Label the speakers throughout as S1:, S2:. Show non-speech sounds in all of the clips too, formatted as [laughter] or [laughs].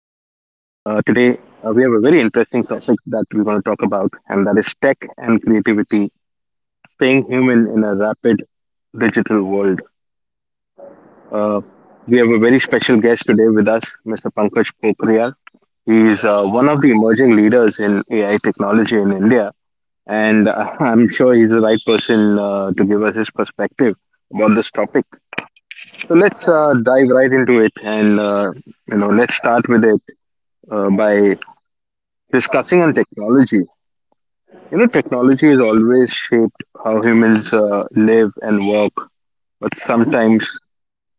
S1: Today, we have a very interesting topic that we're going to talk about, and that is tech and creativity, staying human in a rapid digital world. Uh, we have a very special guest today with us, Mr. Pankaj Pokriyal. He is one of the emerging leaders in AI technology in India, and [laughs] I'm sure he's the right person to give us his perspective about this topic. So let's dive right into it, and let's start with a by discussing on technology. You know, technology has always shaped how humans live and work, but sometimes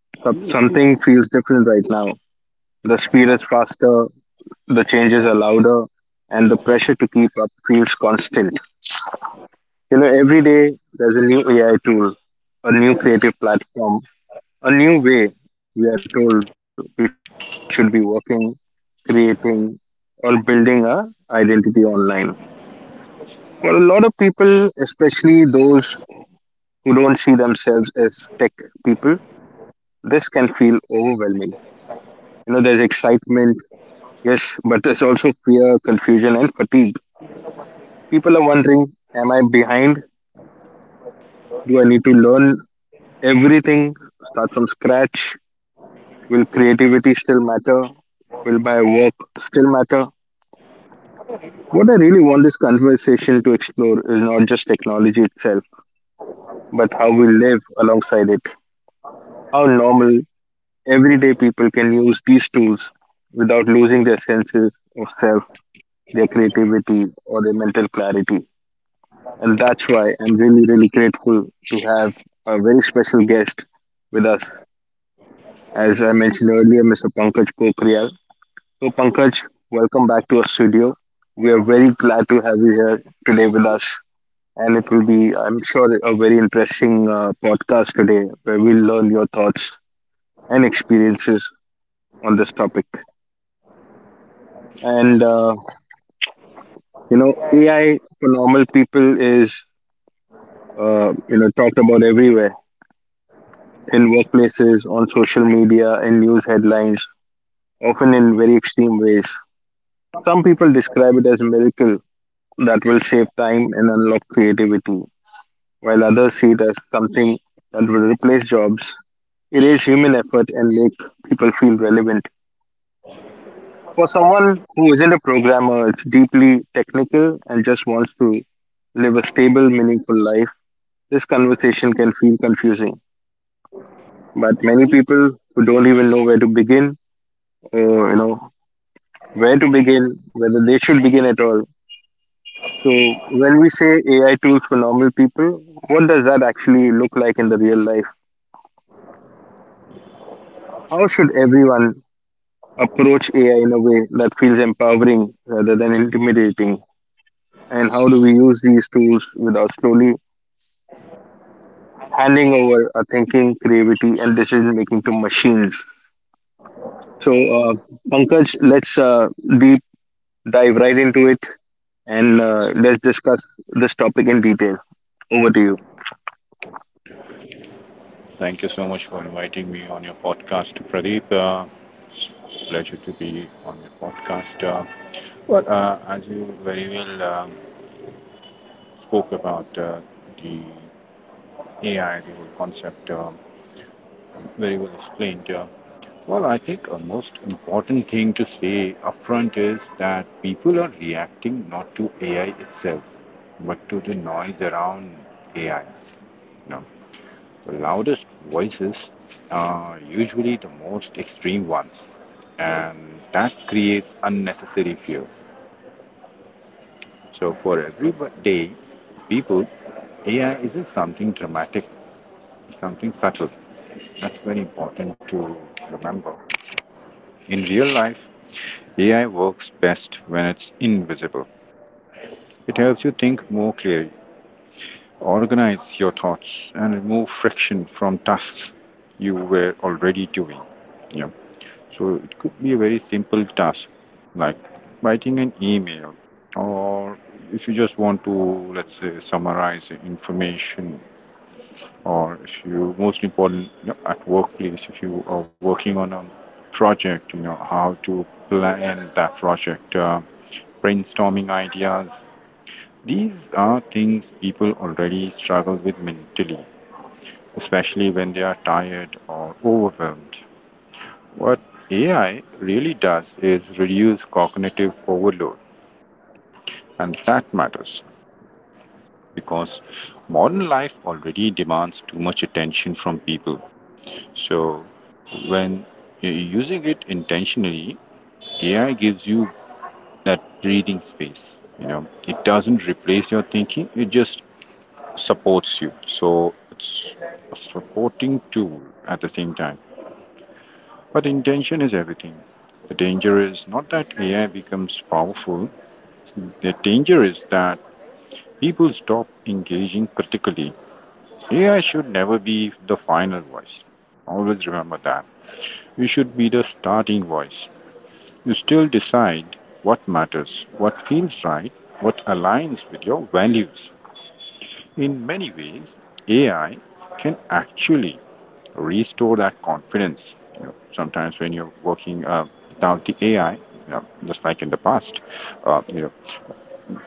S1: something feels different right now. The speed is faster, the changes are louder, and the pressure to keep up feels constant. You know, every day there's a new AI tool, a new creative platform, a new way we are told we should be working, creating, or building our identity online for a lot of people, especially those who don't see themselves as tech people, this can feel overwhelming. You know, there's excitement, yes, but there's also fear, confusion, and fatigue. People are wondering, am I behind? Do I need to learn everything, start from scratch? Will creativity still matter? Will my work still matter? What I really want this conversation to explore is not just technology itself, but how we live alongside it, how normal everyday people can use these tools without losing their senses of self, their creativity, or their mental clarity. And that's why I'm really, really grateful to have a very special guest with us. As I mentioned earlier, Mr. Pankaj Pokriyal. So, Pankaj, welcome back to our studio. We are very glad to have you here today with us. And it will be, I'm sure, a very interesting podcast today where we'll learn your thoughts and experiences on this topic. And uh, AI for normal people is talked about everywhere in workplaces, on social media, in news headlines, often in very extreme ways. Some people describe it as a miracle that will save time and unlock creativity, while others see it as something that will replace jobs, erase human effort, and make people feel relevant. For someone who isn't a programmer, it's deeply technical and just wants to live a stable, meaningful life. This conversation can feel confusing, but many people who don't even know where to begin, or you know, where to begin, whether they should begin at all. So when we say AI tools for normal people, what does that actually look like in the real life? How should everyone approach AI in a way that feels empowering rather than intimidating? And how do we use these tools without slowly handing over our thinking, creativity, and decision making to machines? So, Pankaj, let's deep dive right into it and let's discuss this topic in detail. Over to you.
S2: Thank you so much for inviting me on your podcast, Pradeep. It's a pleasure to be on your podcast. As you very well spoke about the AI, the whole concept, very well explained. I think a most important thing to say upfront is that people are reacting not to AI itself, but to the noise around AI. You know, the loudest voices are usually the most extreme ones, and that creates unnecessary fear. So for everyday people, AI isn't something dramatic, something subtle. That's very important to remember. In real life, AI works best when it's invisible. It helps you think more clearly, organize your thoughts, and remove friction from tasks you were already doing. Yeah. So it could be a very simple task like writing an email, or if you just want to, let's say, summarize information, or if you most important, you know, at workplace, if you are working on a project, you know, how to plan that project, brainstorming ideas. These are things people already struggle with mentally, especially when they are tired or overwhelmed. What AI really does is reduce cognitive overload, and that matters because modern life already demands too much attention from people. So, when you're using it intentionally, AI gives you that breathing space. You know, it doesn't replace your thinking, it just supports you. So, it's a supporting tool at the same time. But intention is everything. The danger is not that AI becomes powerful, the danger is that people stop engaging critically. AI should never be the final voice. Always remember that. You should be the starting voice. You still decide what matters, what feels right, what aligns with your values. In many ways, AI can actually restore that confidence. You know, sometimes when you're working without the AI, you know, just like in the past, uh, you know,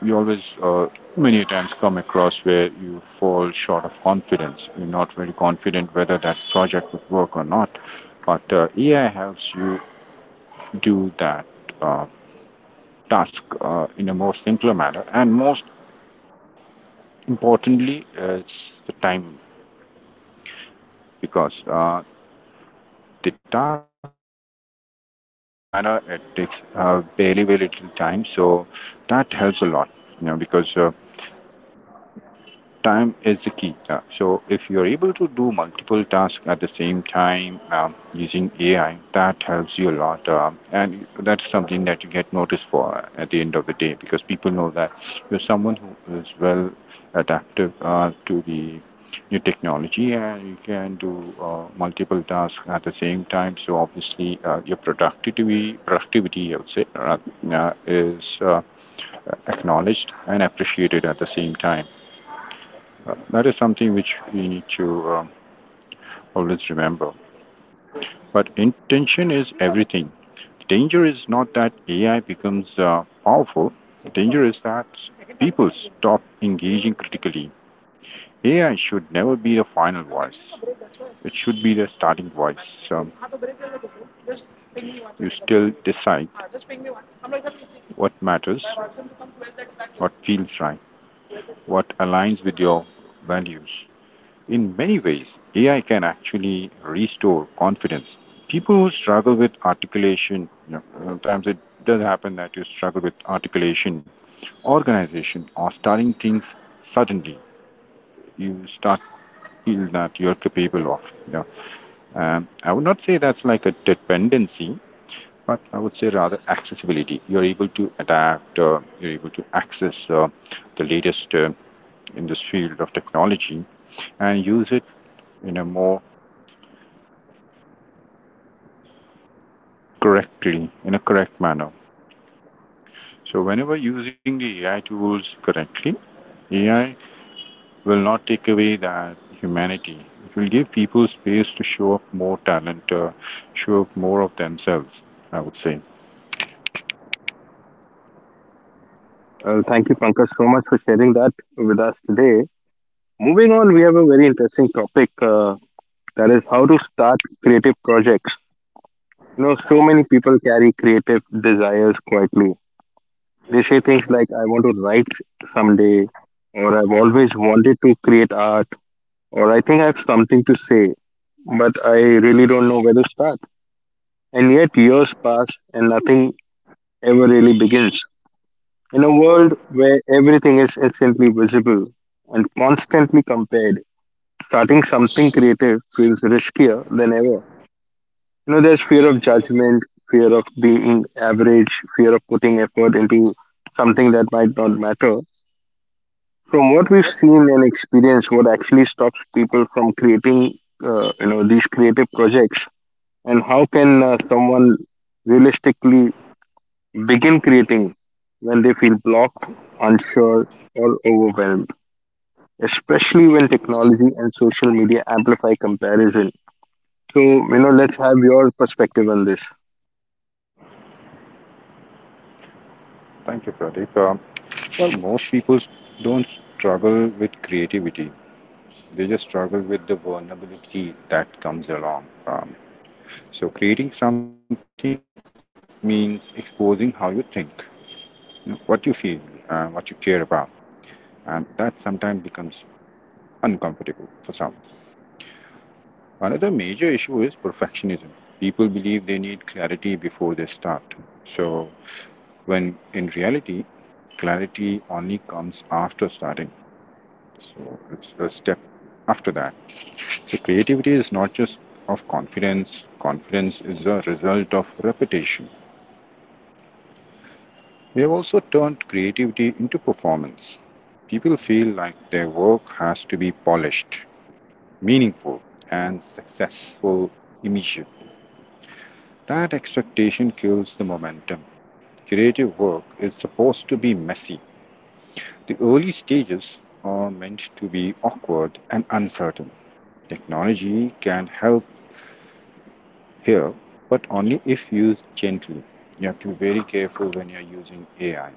S2: you always many times come across where you fall short of confidence. You're not very confident whether that project would work or not. But AI helps you do that uh, task in a more simpler manner. And most importantly, it's the time because the tasks are done in a more timely manner. It takes barely very little time. So that helps a lot, you know, because time is the key. So if you're able to do multiple tasks at the same time using AI, that helps you a lot, and that's something that you get noticed for at the end of the day because people know that you're someone who is well adaptive to the new technology and you can do multiple tasks at the same time. So obviously, your productivity, I would say, is acknowledged and appreciated at the same time. That is something which we need to um, always remember. But intention is everything. The danger is not that AI becomes powerful, the danger is that people stop engaging critically. AI should never be the final voice. It should be the starting voice. Um, you still decide what matters, what feels right, what aligns with your values. In many ways, AI can actually restore confidence. People who struggle with articulation, you know, sometimes it does happen that you struggle with articulation, organization, or starting things suddenly. You start feel that you're capable of. You know. I would not say that's like a dependency, but I would say rather accessibility. You're able to adapt. You're able to access the latest in this field of technology and use it in a more correctly in a correct manner. So whenever using the AI tools correctly, AI will not take away that humanity. It will give people space to show up more talent, show up more of themselves. I would say.
S1: Thank you, Pankaj, so much for sharing that with us today. Moving on, we have a very interesting topic that is how to start creative projects. You know, so many people carry creative desires quietly. They say things like, I want to write someday, or I've always wanted to create art, or I think I have something to say, but I really don't know where to start. And yet, years pass and nothing ever really begins. In a world where everything is instantly visible and constantly compared, starting something creative feels riskier than ever. You know, there's fear of judgment, fear of being average, fear of putting effort into something that might not matter. From what we've seen and experienced, what actually stops people from creating, these creative projects, and how can someone realistically begin creating when they feel blocked, unsure, or overwhelmed, especially when technology and social media amplify comparison. So, you know, let's have your perspective on this.
S2: Thank you, Pradeep. Well, most people don't struggle with creativity. They just struggle with the vulnerability that comes along. Um, so creating something means exposing how you think, what you feel, what you care about. And that sometimes becomes uncomfortable for some. Another major issue is perfectionism. People believe they need clarity before they start. So, when in reality, clarity only comes after starting. So, it's a step after that. So, creativity is not just of confidence, confidence is a result of repetition. We have also turned creativity into performance. People feel like their work has to be polished, meaningful, and successful immediate. That expectation kills the momentum. Creative work is supposed to be messy. The early stages are meant to be awkward and uncertain. Technology can help here, but only if used gently. You have to be very careful when you're using AI.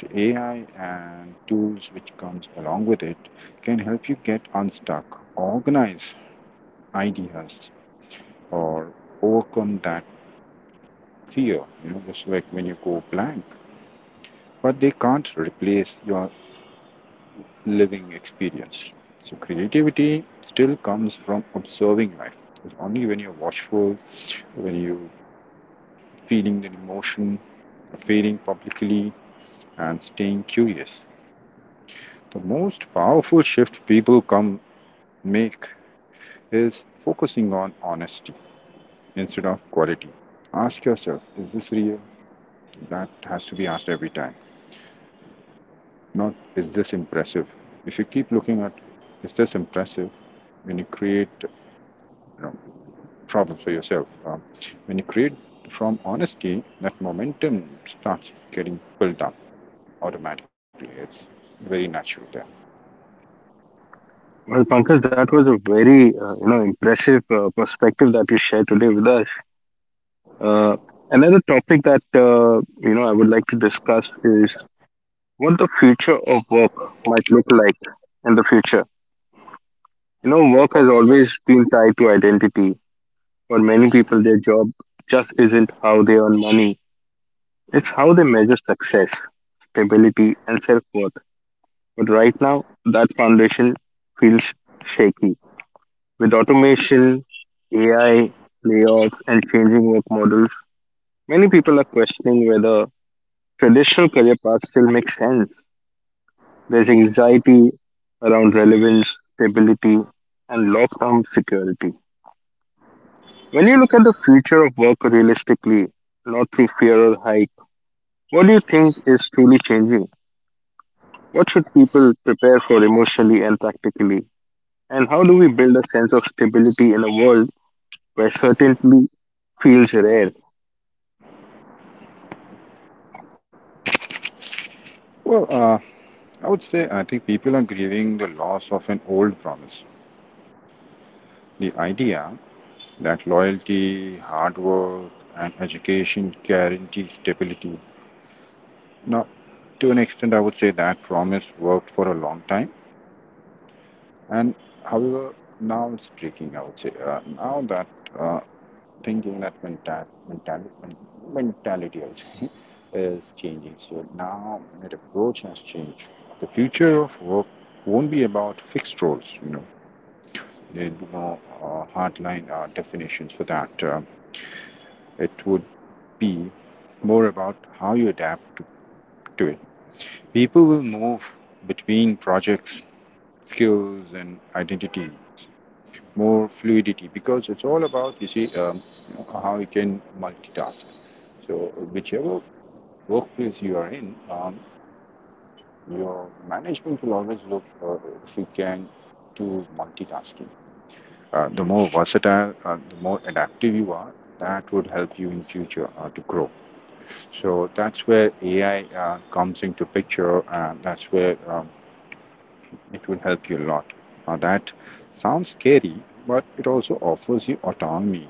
S2: So AI and tools which comes along with it can help you get unstuck, organize ideas, or overcome that fear, you know, just like when you go blank. But they can't replace your living experience. So creativity still comes from observing life. It's only when you're watchful, when you're feeling the emotion, feeling publicly, and staying curious. The most powerful shift people come make is focusing on honesty instead of quality. Ask yourself, is this real? That has to be asked every time. Not is this impressive. If you keep looking at is this impressive when you create, you know, problems for yourself, when you create from honesty, that momentum starts getting built up automatically. It's very natural there.
S1: Well, Pankaj, that was a very, impressive perspective that you shared today with us. Uh, Another topic that, I would like to discuss is what the future of work might look like in the future. You know, work has always been tied to identity. For many people, their job just isn't how they earn money, it's how they measure success, stability, and self worth. But right now, that foundation feels shaky. With automation, AI, layoffs, and changing work models, many people are questioning whether traditional career paths still make sense. There's anxiety around relevance, stability, and long term security. When you look at the future of work realistically, not through fear or hype, what do you think is truly changing? What should people prepare for emotionally and practically? And how do we build a sense of stability in a world where certainty feels rare?
S2: Well, I would say I think people are grieving the loss of an old promise. The idea that loyalty, hard work, and education guarantee stability. Now, to an extent, I would say that promise worked for a long time. And however, now it's breaking, I would say. Now that uh, thinking, that mentality, I would say, [laughs] is changing. So now that approach has changed. The future of work won't be about fixed roles, you know. There'll be no hardline definitions for that. It would be more about how you adapt to it. People will move between projects, skills, and identity more fluidity because it's all about you see, you know, how you can multitask. So whichever workplace you are in, your management will always look if you can do multitasking, the more versatile, the more adaptive you are, that would help you in future to grow. So that's where AI comes into picture, and that's where, it will help you a lot. Now that sounds scary, but it also offers you autonomy.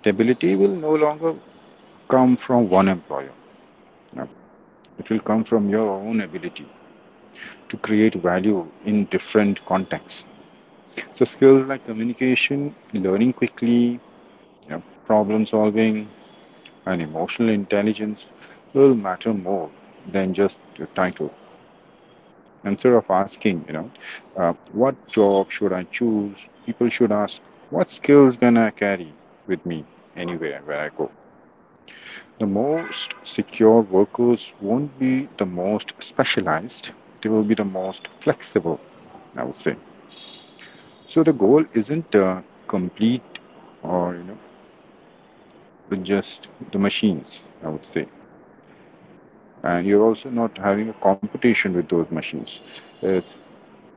S2: Stability will no longer come from one employer. You It will come from your own ability to create value in different contexts. So skills like communication, learning quickly, you know, problem solving, and emotional intelligence will matter more than just your title. Instead of asking, you know, what job should I choose, people should ask, what skills can I carry with me anywhere where I go? The most secure workers won't be the most specialized, they will be the most flexible, I would say. So the goal isn't complete or you know just the machines, I would say. And you're also not having a competition with those machines. It's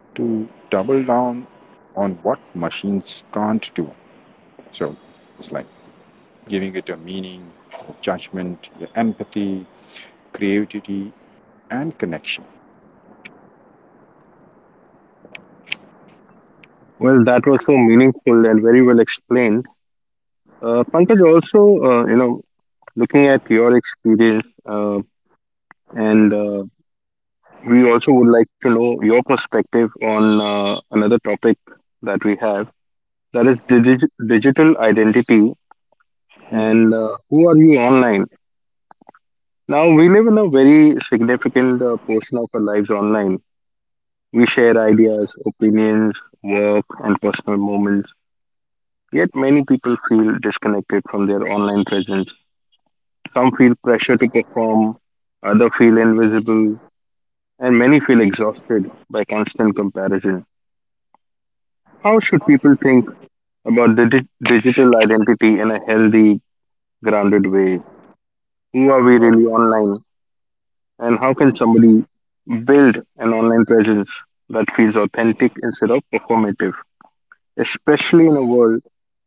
S2: to double down on what machines can't do. So it's like giving it a meaning, judgment, empathy, creativity, and connection.
S1: Well, that was so meaningful and very well explained. Pankaj, also, looking at your experience, and we also would like to know your perspective on another topic that we have that is digital identity and who are you online? Now we live in a very significant portion of our lives online. We share ideas, opinions, work, and personal moments. Yet many people feel disconnected from their online presence. Some feel pressure to perform, others feel invisible, and many feel exhausted by constant comparison. How should people think about the digital identity in a healthy, grounded way? Who are we really online? And how can somebody build an online presence that feels authentic instead of performative, especially in a world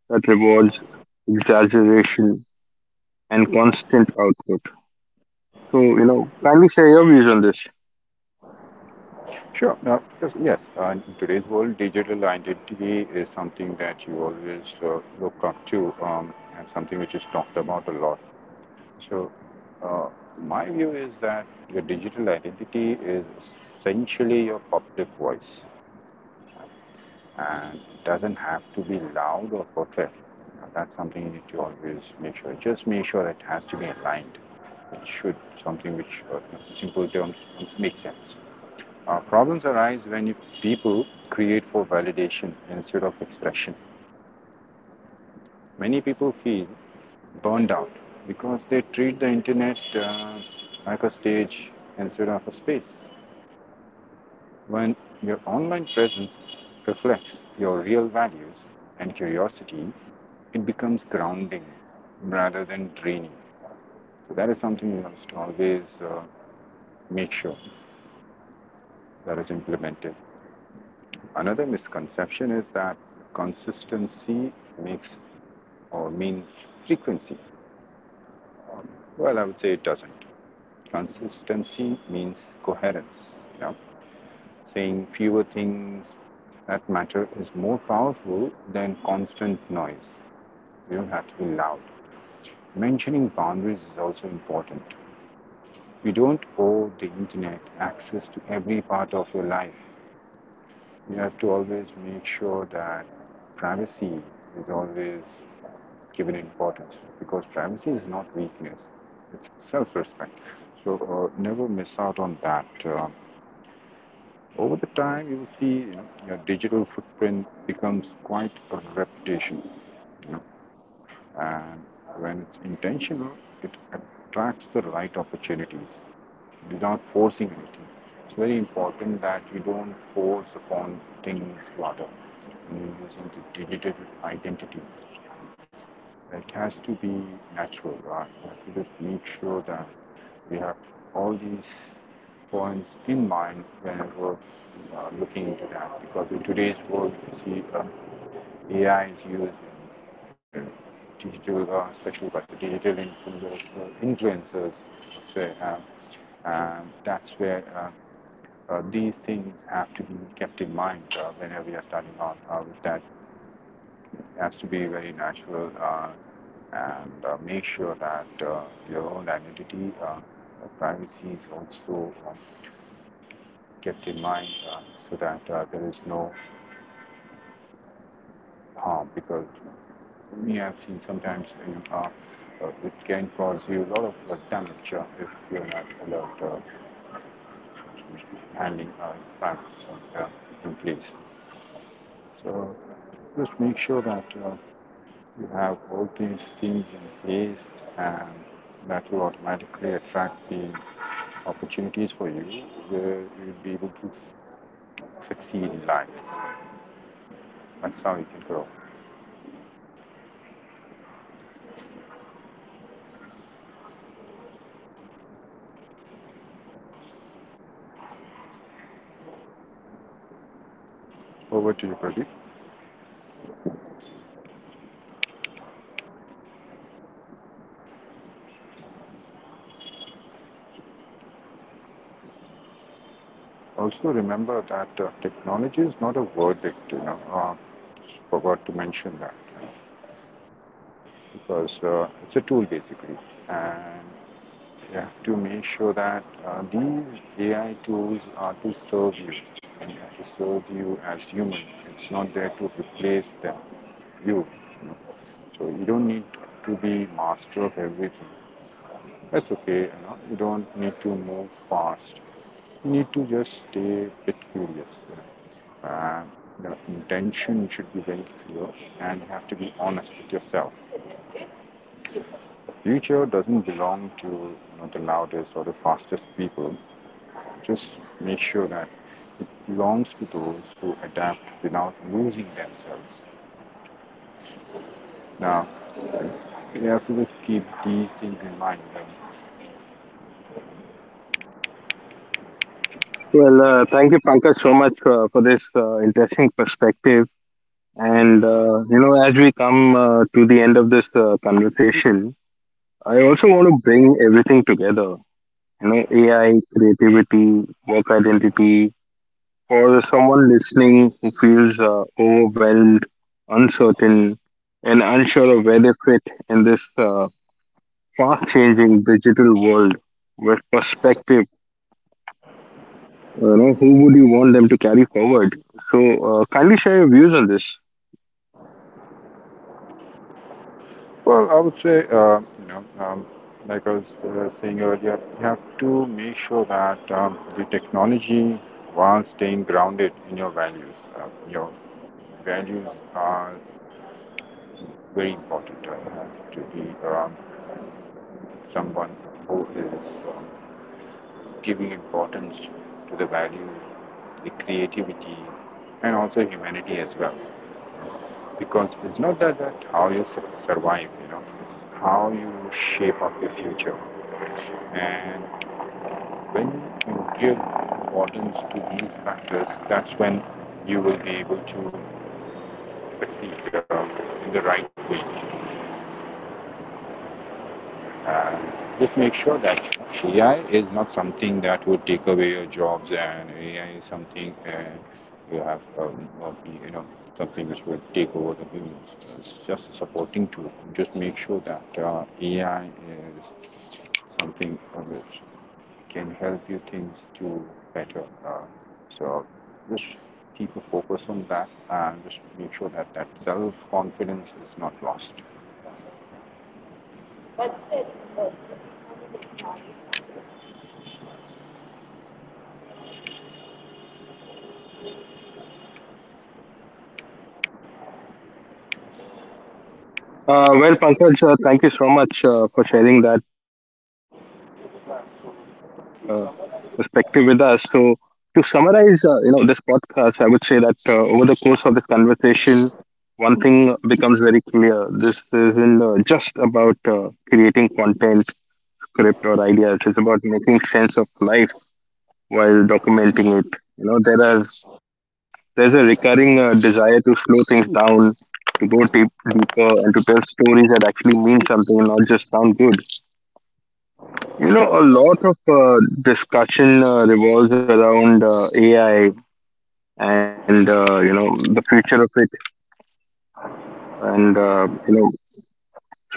S1: that rewards exaggeration and constant output? So, you know, kindly share your views on this.
S2: Sure. Now, because yes, in today's world, digital identity is something that you always look up to, and something which is talked about a lot. So, uh, my view is that your digital identity is essentially your public voice, and it doesn't have to be loud or perfect. You know, that's something you need to always make sure. Just make sure that it has to be aligned. It should something which, in simple terms, makes sense. Problems arise people create for validation instead of expression. Many people feel burned out because they treat the internet uh, like a stage instead of a space. When your online presence reflects your real values and curiosity, it becomes grounding rather than draining. So that is something you must always make sure that is implemented. Another misconception is that consistency makes or mean frequency? Well, I would say it doesn't. Consistency means coherence. Yeah? Saying fewer things that matter is more powerful than constant noise. You don't have to be loud. Mentioning boundaries is also important. You don't owe the internet access to every part of your life. You have to always make sure that privacy is always given importance because privacy is not weakness, it's self respect. So never miss out on that. Over the time, you will see, you know, your digital footprint becomes quite a reputation. You know, and when it's intentional, it attracts the right opportunities without forcing anything. It's very important that you don't force upon things rather. When you use the digital identity, it has to be natural, right? We have to just make sure that we have all these points in mind whenever looking into that. Because in today's world, you see AI is used in, in digital, especially by the digital influencers, influencers say, and that's where these things have to be kept in mind whenever you're starting out with that. It has to be very natural. And Make sure that your own identity, privacy is also kept in mind uh, so that there is no harm, because we have seen sometimes you it can cause you a lot of damage if you're not alert handling privacy in place. So just make sure that you have all these things in place, and that will automatically attract the opportunities for you where you'll be able to succeed in life. That's how you can grow. Over to you, Pradeep. Also remember that technology is not a verdict, you know. Forgot to mention that uh, because it's a tool basically. And you have to make sure that these AI tools are to serve you and to serve you as human. It's not there to replace you. You know. So you don't need to be master of everything. That's okay. You don't need to move fast. You need to just stay a bit curious, and the intention should be very clear, and you have to be honest with yourself. Future doesn't belong to the loudest or the fastest people. Just make sure that it belongs to those who adapt without losing themselves. Now, you have to just keep these things in mind.
S1: Well, thank you, Pankaj, so much for this interesting perspective. And, as we come to the end of this conversation, I also want to bring everything together. You know, AI, creativity, work identity, for someone listening who feels overwhelmed, uncertain, and unsure of where they fit in this fast-changing digital world with perspective, you know, who would you want them to carry forward? So, kindly share your views on this.
S2: Well, I would say, like I was saying earlier, we have to make sure that the technology, while staying grounded in your values are very important. You have to be someone who is um, giving importance to the values, the creativity, and also humanity as well. Because it's not that how survive, you know, it's how you shape up your future. And when you give importance to these factors, that's when you will be able to succeed in the right way. And just make sure that AI is not something that would take away your jobs, and AI is something you have, of you know, something which will take over the humans. It's just a supporting tool. Just make sure that AI is something of which can help you things to better. So just keep a focus on that and just make sure that self-confidence is not lost.
S1: Well, Pankaj, thank you so much for sharing that perspective with us. So, to summarize, this podcast, I would say that over the course of this conversation, one thing becomes very clear. This isn't just about creating content, script, or ideas. It's about making sense of life while documenting it. You know, there's a recurring desire to slow things down, to go deeper, and to tell stories that actually mean something and not just sound good. You know, a lot of discussion revolves around AI and the future of it, and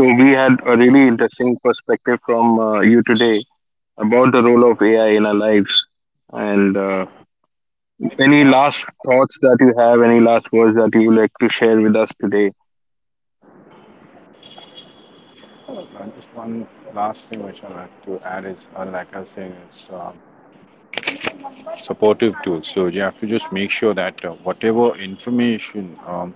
S1: so we had a really interesting perspective from you today about the role of AI in our lives. And any last thoughts that you have, any last words that you would like to share with us today?
S2: And just one last thing which I like to add is, like I was saying, it's supportive tools. So you have to just make sure that whatever information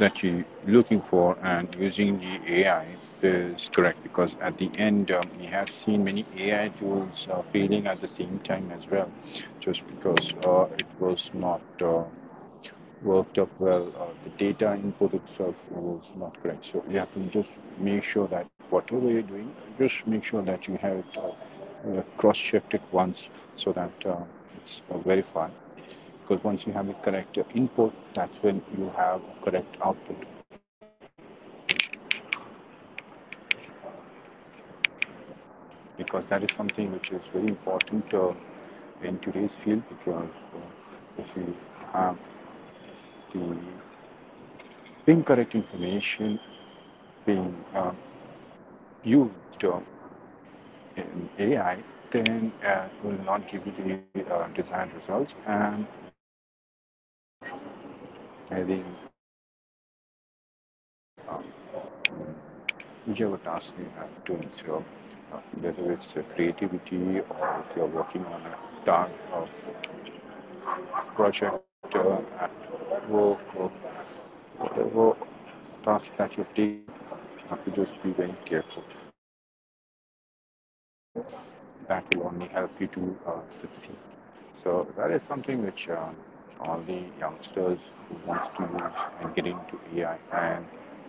S2: that you're looking for and using the AI is correct, because at the end we have seen many AI tools failing at the same time as well just because it was not worked up well, the data input itself was not correct, so you have to just make sure that whatever you're doing, just make sure that you have it cross-checked it once so that it's verified, because once you have the correct input, that's when you have correct output, because that is something which is very important in today's field. Because if you have the incorrect information being used uh, in AI, then it will not give you the desired results, and that will end up having serious repercussions uh, whichever task you have doing. So whether it's creativity or if you're working on a task of project at work or whatever task that you've taken, you have to just be very careful and mindful about this. That will only help you to uh, succeed. So that is something which all the youngsters who want to use and get into AI and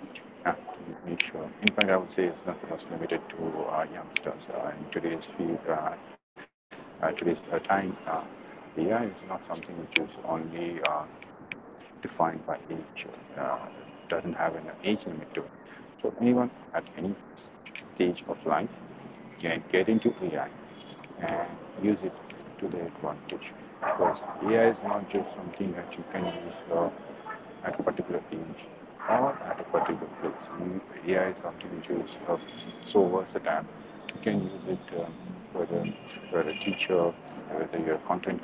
S2: have to make sure. In fact, I would say it's not just limited to youngsters. In today's field, today's time, AI is not something which is only defined by age. Uh, doesn't have an age limit to it. So anyone at any stage of life can get into AI and use it to their advantage. Because AI is not just something that you can use at a particular age or at a particular place. AI is something which is so versatile. You can use it whether you're a teacher, whether you're a content creator,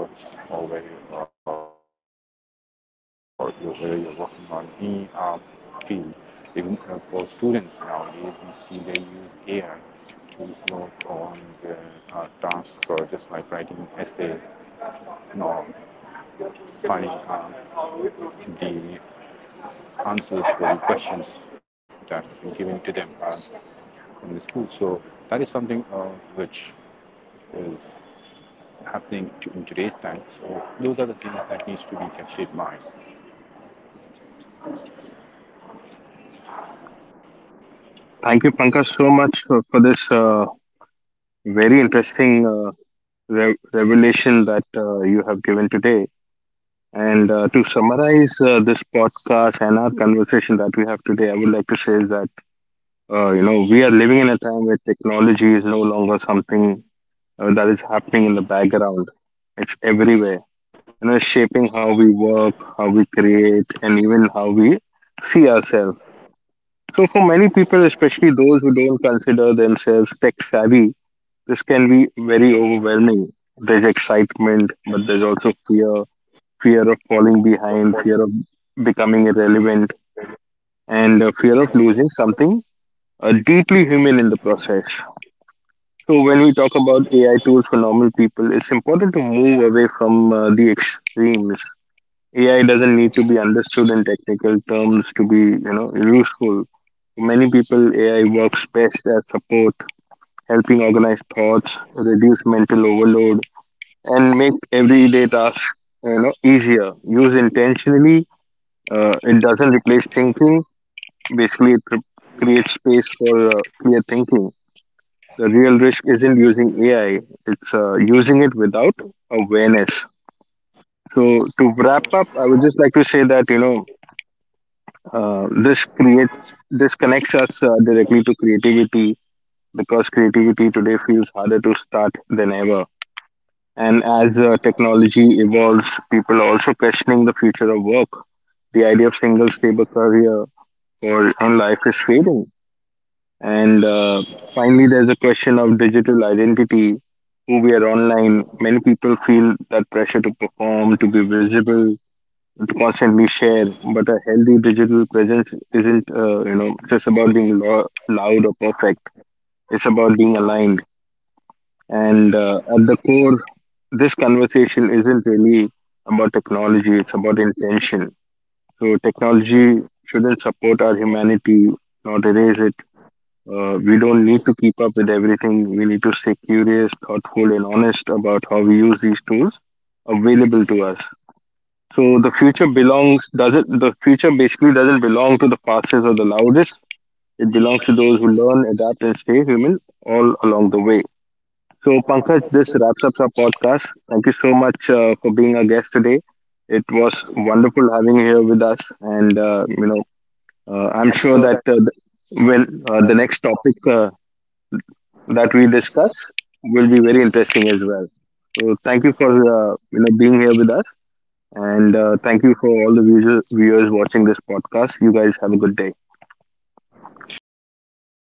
S2: or whether you're a data scientist, or you whether you're working on any field. Even for students nowadays, we see they use AI to work on the tasks, or just like writing essays, or finding the answers for the questions that have been given to them in the school. So that is something which is happening in today's time. So those are the things that needs to be kept in mind.
S1: Thank you, Pankaj, so much for this very interesting revelation that you have given today. And to summarize this podcast and our conversation that we have today, I would like to say is that you know we are living in a time where technology is no longer something that is happening in the background. It's everywhere. You know, shaping how we work, how we create, and even how we see ourselves. So for many people, especially those who don't consider themselves tech savvy, this can be very overwhelming. There's excitement, but there's also fear of falling behind, fear of becoming irrelevant, and fear of losing something deeply human in the process. So, when we talk about AI tools for normal people, it's important to move away from the extremes. AI doesn't need to be understood in technical terms to be, you know, useful. For many people, AI works best as support, helping organize thoughts, reduce mental overload, and make everyday tasks, you know, easier. Used intentionally, it doesn't replace thinking. Basically, it creates space for clear thinking. The real risk isn't using AI; it's using it without awareness. So, to wrap up, I would just like to say that uh, this create this connects us directly to creativity because creativity today feels harder to start than ever. And as technology evolves, people are also questioning the future of work. The idea of single stable career or on life is fading. And finally, there's a question of digital identity. Who we are online, many people feel that pressure to perform, to be visible, to constantly share. But a healthy digital presence isn't, just about being loud or perfect. It's about being aligned. And at the core, this conversation isn't really about technology. It's about intention. So technology shouldn't support our humanity, not erase it. We don't need to keep up with everything. We need to stay curious, thoughtful, and honest about how we use these tools available to us. So the future basically doesn't belong to the fastest or the loudest. It belongs to those who learn, adapt, and stay human all along the way. So Pankaj, this wraps up our podcast. Thank you so much for being our guest today. It was wonderful having you here with us, and
S2: I'm
S1: I'm
S2: sure
S1: sure
S2: that
S1: that when the next topic that we discuss will be very interesting as well. So thank you for being here with us, and thank you for all the viewers watching this podcast. You guys have a good day.
S2: thank you so much, Pranav.